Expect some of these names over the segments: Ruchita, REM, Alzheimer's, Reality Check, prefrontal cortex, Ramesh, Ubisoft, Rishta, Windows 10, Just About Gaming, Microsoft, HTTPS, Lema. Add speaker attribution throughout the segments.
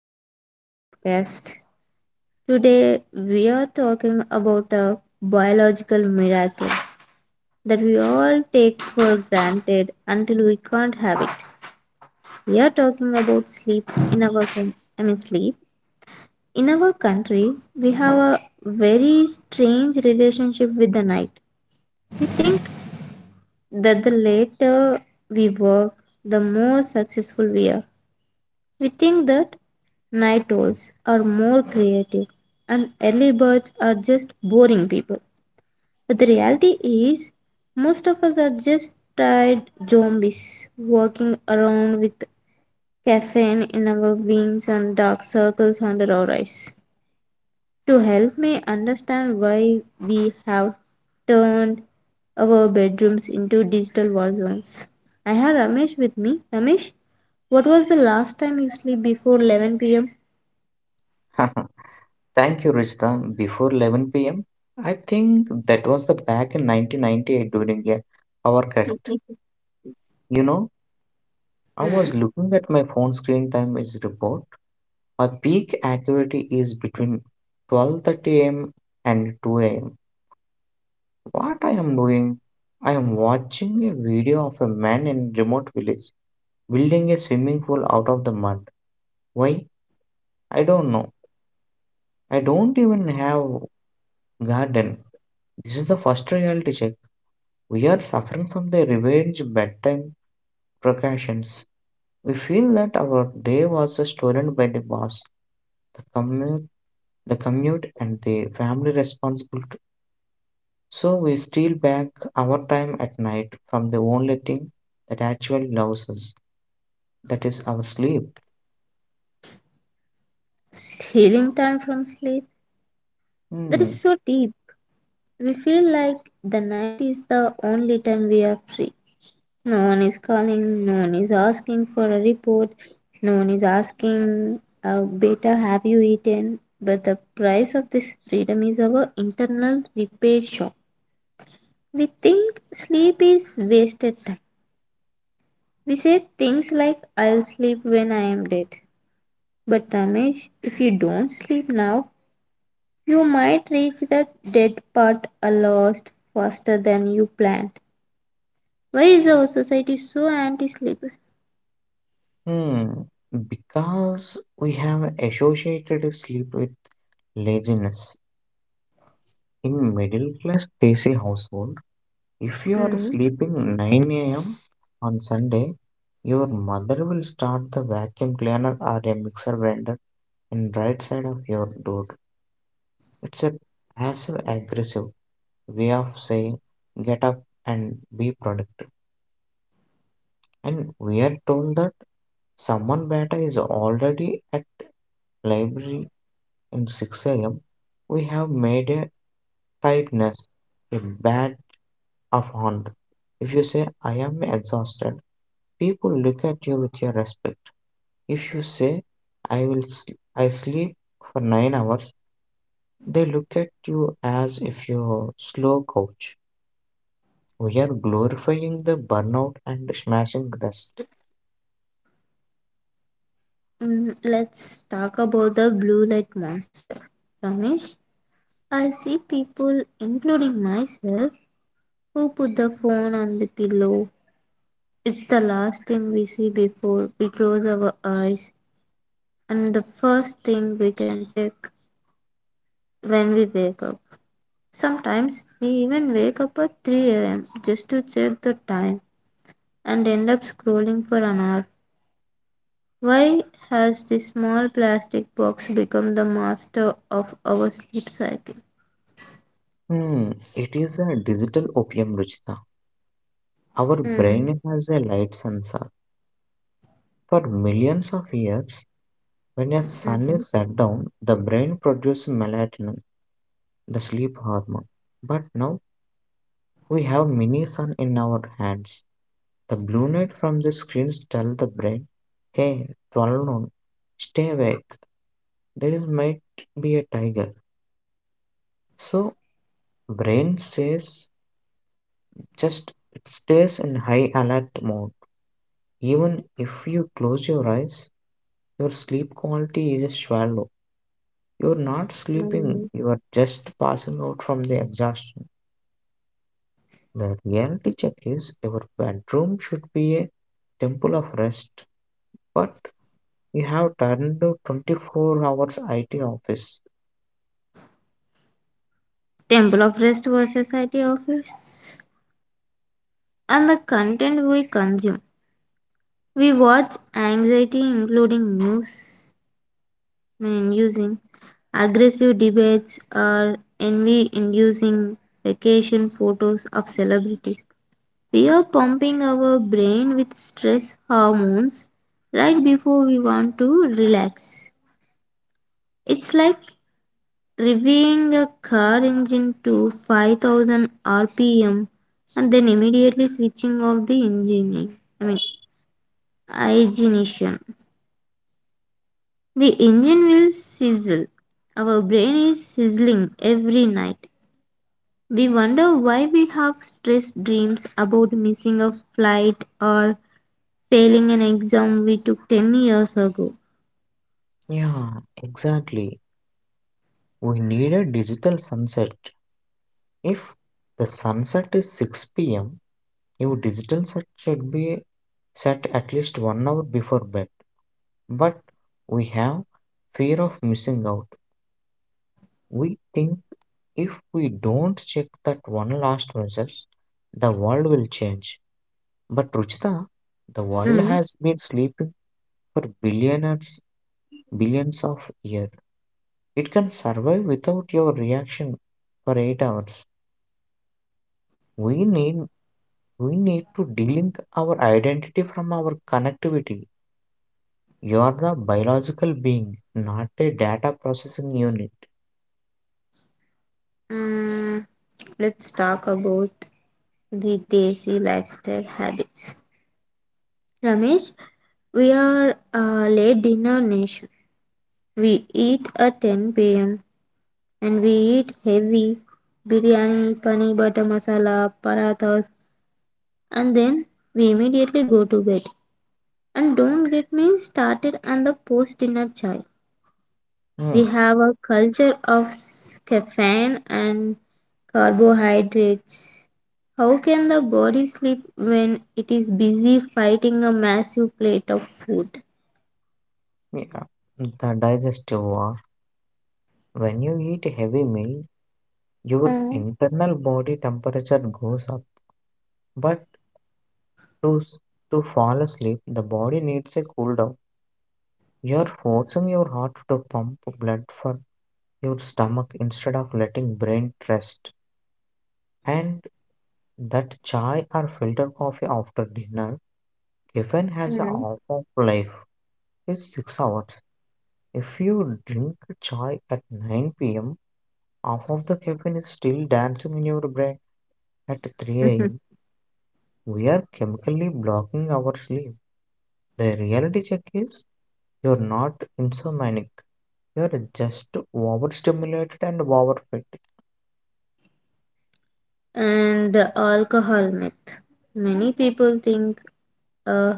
Speaker 1: Reality Check podcast. Today we are talking about a biological miracle that we all take for granted until we can't have it. We are talking about sleep in sleep. In our country, we have a very strange relationship with the night. We think that the later we work, the more successful we are. We think that night owls are more creative and early birds are just boring people. But the reality is, most of us are just tired zombies walking around with caffeine in our veins and dark circles under our eyes. To help me understand why we have turned our bedrooms into digital war zones, I had Ramesh with me. Ramesh, what was the last time you sleep before 11 p.m.?
Speaker 2: Thank you, Rishta. Before 11 p.m., I think that was the back in 1998 during a our cut. You know, I was
Speaker 1: Hmm.
Speaker 2: looking at my phone screen time is report. My peak activity is between 12:30 a.m. and 2 a.m. What I am doing? I am watching a video of a man in remote village building a swimming pool out of the mud. Why? I don't know. I don't even have garden. This is the first reality check. We are suffering from the revenge bedtime procrastinations. We feel that our day was stolen by the boss, the commute, and the family responsibility. So we steal back our time at night from the only thing that actually loves us, that is our sleep.
Speaker 1: Stealing time from sleep? That
Speaker 2: Hmm.
Speaker 1: is so deep. We feel like the night is the only time we are free. No one is calling, no one is asking for a report, no one is asking, Beta, have you eaten? But the price of this freedom is our internal repair shop. We think sleep is wasted time. We say things like, I'll sleep when I am dead. But Ramesh, if you don't sleep now, you might reach the dead part a lot faster than you planned. Why is our society so anti sleep?
Speaker 2: Hmm. Because we have associated sleep with laziness. In middle class Desi household, if you are
Speaker 1: Mm,
Speaker 2: sleeping 9 a.m. on Sunday, your mother will start the vacuum cleaner or a mixer grinder in right side of your door. It's a passive aggressive way of saying get up and be productive. And we are told that someone beta is already at library in 6 am. We have made a tightness, a badge of honor. If you say I am exhausted, people look at you with your respect. If you say, I sleep for 9 hours, they look at you as if you're slow coach. We are glorifying the burnout and smashing rest.
Speaker 1: let's talk about the blue light monster. Ramesh, I see people, including myself, who put the phone on the pillow. It's the last thing we see before we close our eyes and the first thing we can check when we wake up. Sometimes we even wake up at 3 a.m. just to check the time and end up scrolling for an hour. Why has this small plastic box become the master of our sleep cycle?
Speaker 2: Hmm, it is a digital opium, Ruchita. Our
Speaker 1: Mm.
Speaker 2: brain has a light sensor. For millions of years, when a sun
Speaker 1: Mhm.
Speaker 2: is set down, the brain produces melatonin, the sleep hormone. But now we have mini sun in our hands. The blue light from the screens tell the brain, hey, 12 noon, stay awake, there is might be a tiger. So brain says just it stays in high alert mode. Even if you close your eyes, your sleep quality is shallow. You're not sleeping,
Speaker 1: mm.
Speaker 2: you are just passing out from the exhaustion. The reality check is your bedroom should be a temple of rest, but you have turned to 24 hours IT office.
Speaker 1: Temple of Rest versus IT Office. And the content we consume. We watch anxiety, including news, using aggressive debates or envy inducing vacation photos of celebrities. We are pumping our brain with stress hormones right before we want to relax. It's like revving a car engine to 5000 rpm and then immediately switching off the I mean, ignition. The engine will sizzle. Our brain is sizzling every night. We wonder why we have stress dreams about missing a flight or failing an exam we took 10 years ago.
Speaker 2: Yeah, exactly. We need a digital sunset. If the sunset is 6 p.m., your digital set should be set at least 1 hour before bed. But we have fear of missing out. We think if we don't check that one last message, the world will change. But Ruchita, the world
Speaker 1: Mm.
Speaker 2: has been sleeping for billionaires, billions of years. It can survive without your reaction for 8 hours. We need we need to delink our identity from our connectivity. You are the biological being, not a data processing unit.
Speaker 1: Mm, let's talk about the Desi lifestyle habits. Ramesh, we are a late dinner nation. We eat at 10 p.m. and we eat heavy biryani, pani butter masala, parathas, and then we immediately go to bed. And don't get me started on the post dinner chai.
Speaker 2: Hmm.
Speaker 1: We have a culture of caffeine and carbohydrates. How can the body sleep when it is busy fighting a massive plate of food?
Speaker 2: Yeah. The digestive war. When you eat a heavy meal, your
Speaker 1: Mm,
Speaker 2: internal body temperature goes up. But to, s- to fall asleep, the body needs a cool down. You're forcing your heart to pump blood for your stomach instead of letting brain rest, and that chai or filter coffee after dinner caffeine has a
Speaker 1: mm.
Speaker 2: half of life is 6 hours. If you drink chai at 9 p.m., half of the caffeine is still dancing in your brain at 3 a.m. We are chemically blocking our sleep. The reality check is you're not insomniac, you're just overstimulated and overfed.
Speaker 1: And the alcohol myth. Many people think a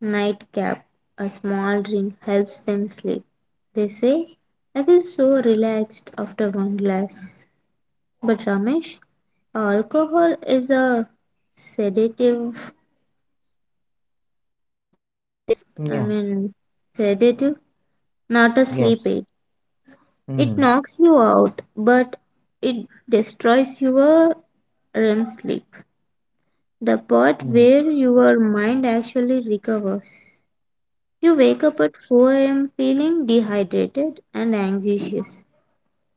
Speaker 1: nightcap, a small drink, helps them sleep. They say, I feel so relaxed after one glass. But Ramesh, alcohol is a sedative them
Speaker 2: Yeah.
Speaker 1: I mean sedative, not a
Speaker 2: Yes.
Speaker 1: sleep aid. It
Speaker 2: Mm.
Speaker 1: knocks you out, but it destroys your REM sleep, the part where your mind actually recovers. You wake up at 4 a.m. feeling dehydrated and anxious.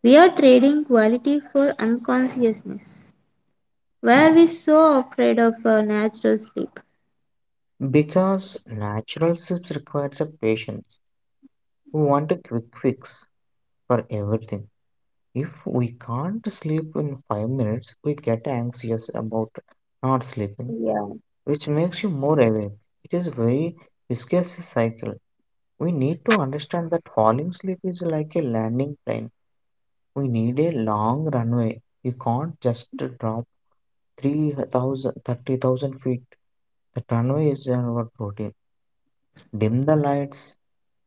Speaker 1: We are trading quality for unconsciousness. Where we so afraid of our natural sleep?
Speaker 2: Because natural sips requires a patience. We want a quick fix for everything. If we can't sleep in 5 minutes, we get anxious about not sleeping, which makes you more awake. It is very viscous cycle. We need to understand that falling asleep is like a landing plane. We need a long runway. You can't just drop 3,000 30,000 feet. The runway is our routine. Dim the lights,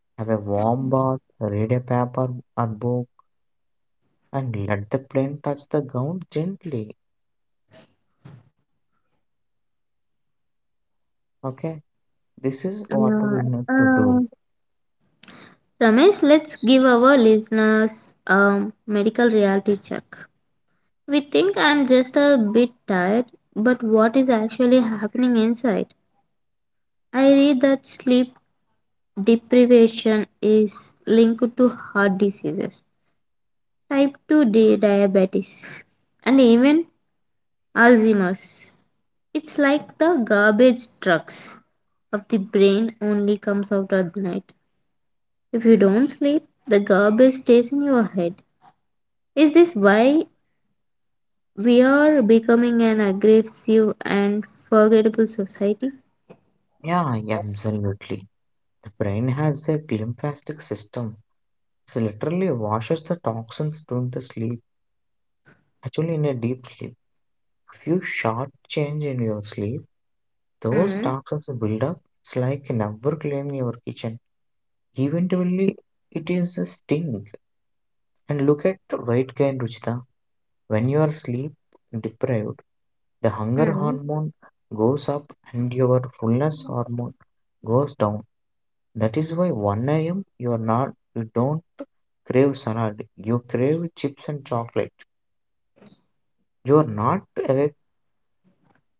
Speaker 2: have a warm bath, read a paper or book, and let the plant touch the ground gently. Okay, this is what we
Speaker 1: Yeah.
Speaker 2: need to do.
Speaker 1: Uh, Ramesh, let's give our listeners a medical reality check. We think I'm just a bit tired, but what is actually happening inside? I read that sleep deprivation is linked to heart diseases, type 2 diabetes, and even Alzheimer's. It's like the garbage trucks of the brain only comes out at night. If you don't sleep, the garbage stays in your head. Is this why we are becoming an aggressive and forgettable society?
Speaker 2: Yeah, yeah, absolutely. The brain has a glymphatic system. It literally washes the toxins during the sleep, actually, in a deep sleep. If you short change in your sleep, those
Speaker 1: Mm,
Speaker 2: toxins build up. It's like never clean your kitchen. Eventually, it is a stink. And look at weight gain, Ruchita. When you are sleep deprived, the hunger
Speaker 1: mm,
Speaker 2: hormone goes up and your fullness hormone goes down. That is why 1 a.m. you are not you don't crave salad. You crave chips and chocolate. You are not awake.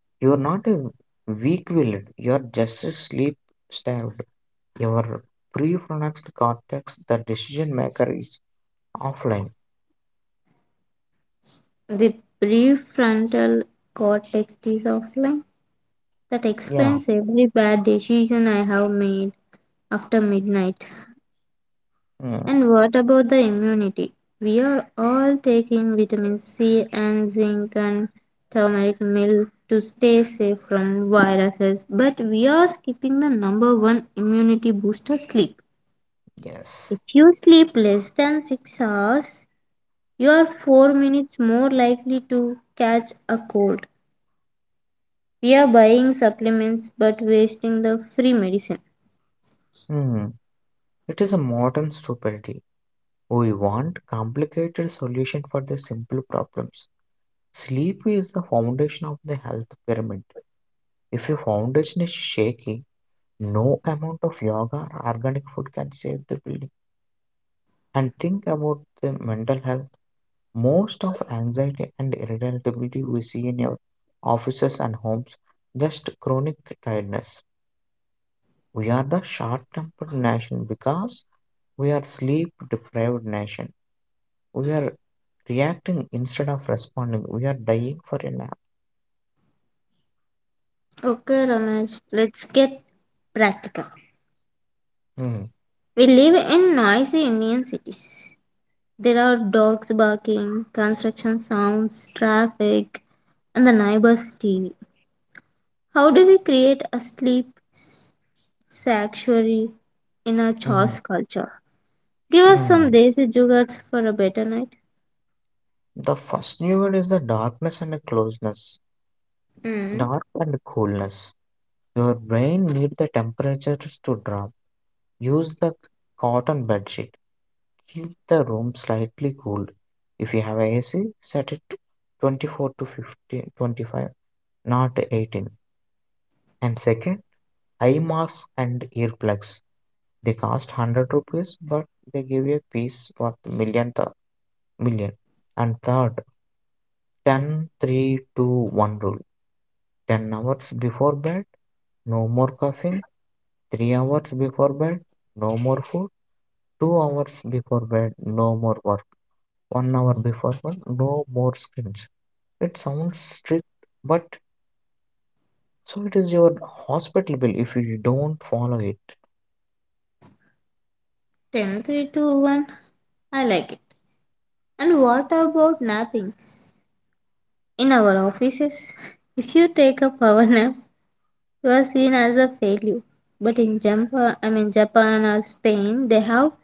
Speaker 2: You are not a weak willed. You are just sleep starved. Your prefrontal cortex, the decision maker, is offline.
Speaker 1: The prefrontal cortex is offline. That
Speaker 2: Yeah.
Speaker 1: explains every bad decision I have made after midnight.
Speaker 2: Hmm.
Speaker 1: And what about the immunity? We are all taking vitamin C and zinc and turmeric milk to stay safe from viruses, but we are skipping the number one immunity booster sleep.
Speaker 2: Yes.
Speaker 1: If you sleep less than 6 hours, you are 4 minutes more likely to catch a cold. We are buying supplements but wasting the free medicine.
Speaker 2: Hmm. It is a modern stupidity. We want complicated solution for the simple problems. Sleep is the foundation of the health pyramid. If your foundation is shaky, no amount of yoga or organic food can save the building. And think about the mental health. Most of anxiety and irritability we see in your offices and homes just chronic tiredness. We are the short-tempered nation because we are sleep-deprived nation. We are reacting instead of responding. We are dying for a nap.
Speaker 1: Okay, Ramesh, let's get practical.
Speaker 2: Mm.
Speaker 1: We live in noisy Indian cities. There are dogs barking, construction sounds, traffic, and the neighbor's TV. How do we create a sanctuary in a
Speaker 2: Mm.
Speaker 1: chaos culture? Give us
Speaker 2: Mm.
Speaker 1: some desi jugards for a better night.
Speaker 2: The first new word is the darkness and the closeness.
Speaker 1: Hmm.
Speaker 2: Dark and coolness. Your brain need the temperatures to drop. Use the cotton bed sheet. Keep the room slightly cool. If you have AC, set it to 24 to 15, 25, not 18. And second, eye masks and earplugs. They cost 100 rupees, but they give you a piece worth million. And third, ten, 3 2 1 rule. 10 hours before bed, no more coughing. 3 hours before bed, no more food. 2 hours before bed, no more work. 1 hour before bed, no more screens. It sounds strict, but so it is your hospital bill if you don't follow it.
Speaker 1: Ten, three, two, one. I like it. And what about napping? In our offices, if you take a power nap, you are seen as a failure. But in Japan, I mean Japan or Spain, they have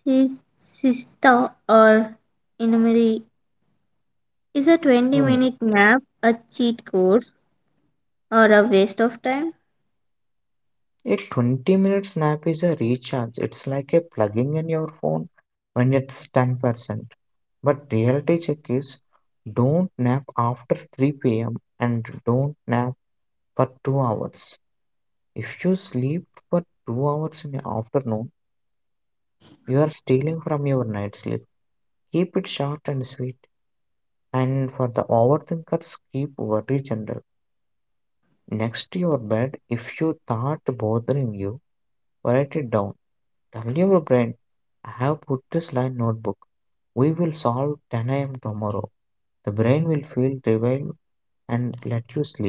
Speaker 1: siesta or inumeri. Is a
Speaker 2: Hmm.
Speaker 1: 20-minute nap a cheat code or a waste of time?
Speaker 2: A 20-minute snap is a recharge. It's like a plugging in your phone when it's 10%. But reality check is don't nap after 3 p.m. and don't nap for 2 hours. If you sleep for 2 hours in the afternoon, you are stealing from your night sleep. Keep it short and sweet. And for the overthinkers, keep worry general. Next to your bed, if you thought bothering you, write it down. Tell your brain, I have put this line notebook. We will solve 10 a.m. tomorrow. The brain will feel revived and let you sleep.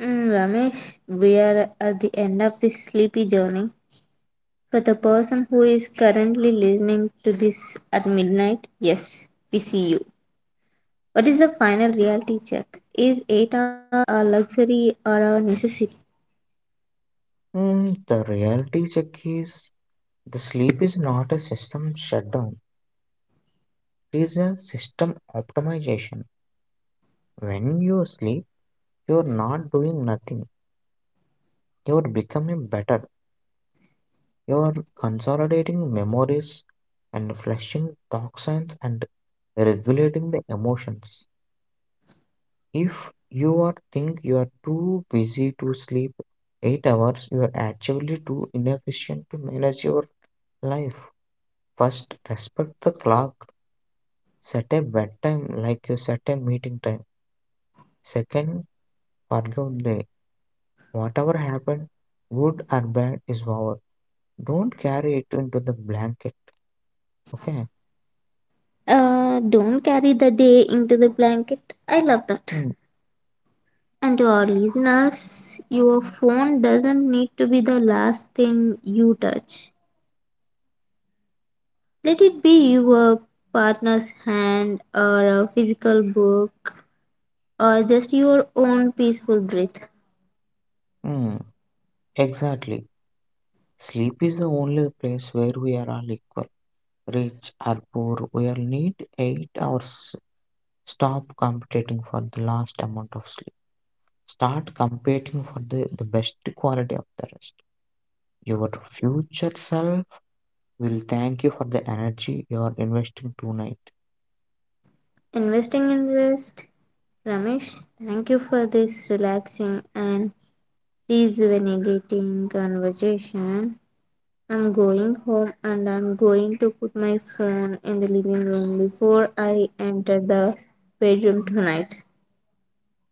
Speaker 1: Ramesh, we are at the end of this sleepy journey. For the person who is currently listening to this at midnight, yes, we see you. What is the final reality check? Is 8 hours a luxury or a necessity?
Speaker 2: Hmm, the reality check is the sleep is not a system shutdown, it is a system optimization. When you sleep, you are not doing nothing, you are becoming better. You are consolidating memories and flushing toxins and regulating the emotions. If you are think you are too busy to sleep 8 hours, you are actually too inefficient to manage your life. First, respect the clock. Set a bedtime like you set a meeting time. Second, forgive the whatever happened, good or bad, is over. Don't carry it into the blanket. Okay?
Speaker 1: Don't carry the day into the blanket. I love that.
Speaker 2: Mm.
Speaker 1: And to our listeners, your phone doesn't need to be the last thing you touch. Let it be your partner's hand or a physical book or just your own peaceful breath.
Speaker 2: Mm, exactly. Sleep is the only place where we are all equal. Rich or poor, we all need 8 hours. Stop competing for the last amount of sleep. Start competing for the best quality of the rest. Your future self will thank you for the energy you are investing tonight.
Speaker 1: Investing in rest. Ramesh, thank you for this relaxing and rejuvenating conversation. I'm going home and I'm going to put my phone in the living room before I enter the bedroom tonight.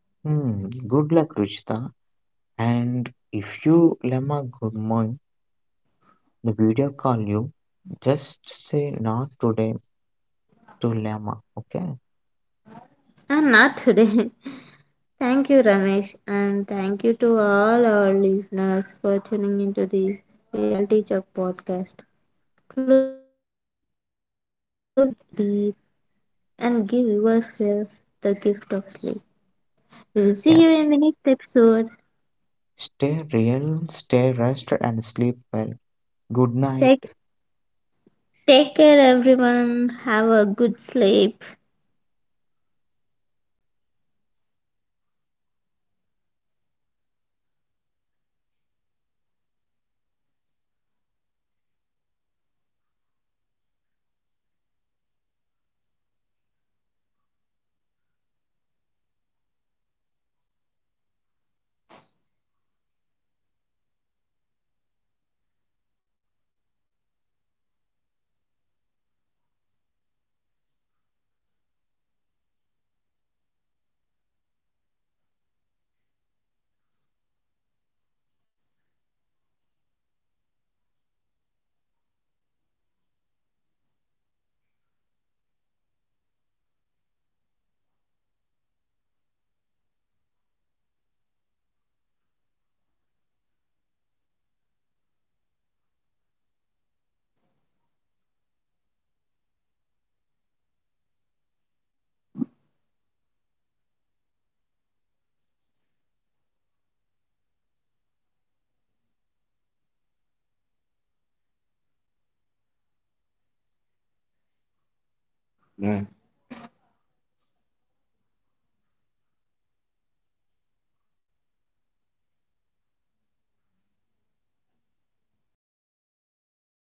Speaker 2: Hmm, good luck, Ruchita. And if you Lema good morning, the video call you, just say not today to Lema, okay?
Speaker 1: And not today. Thank you, Ramesh, and thank you to all our listeners for tuning into the Reality Check podcast. Close your eyes, breathe deep, and give yourself the gift of sleep. We'll see you
Speaker 2: Yes.
Speaker 1: in the next episode.
Speaker 2: Stay real, stay rested, and sleep well. Good night.
Speaker 1: Take, take care, everyone. Have a good sleep. Bye.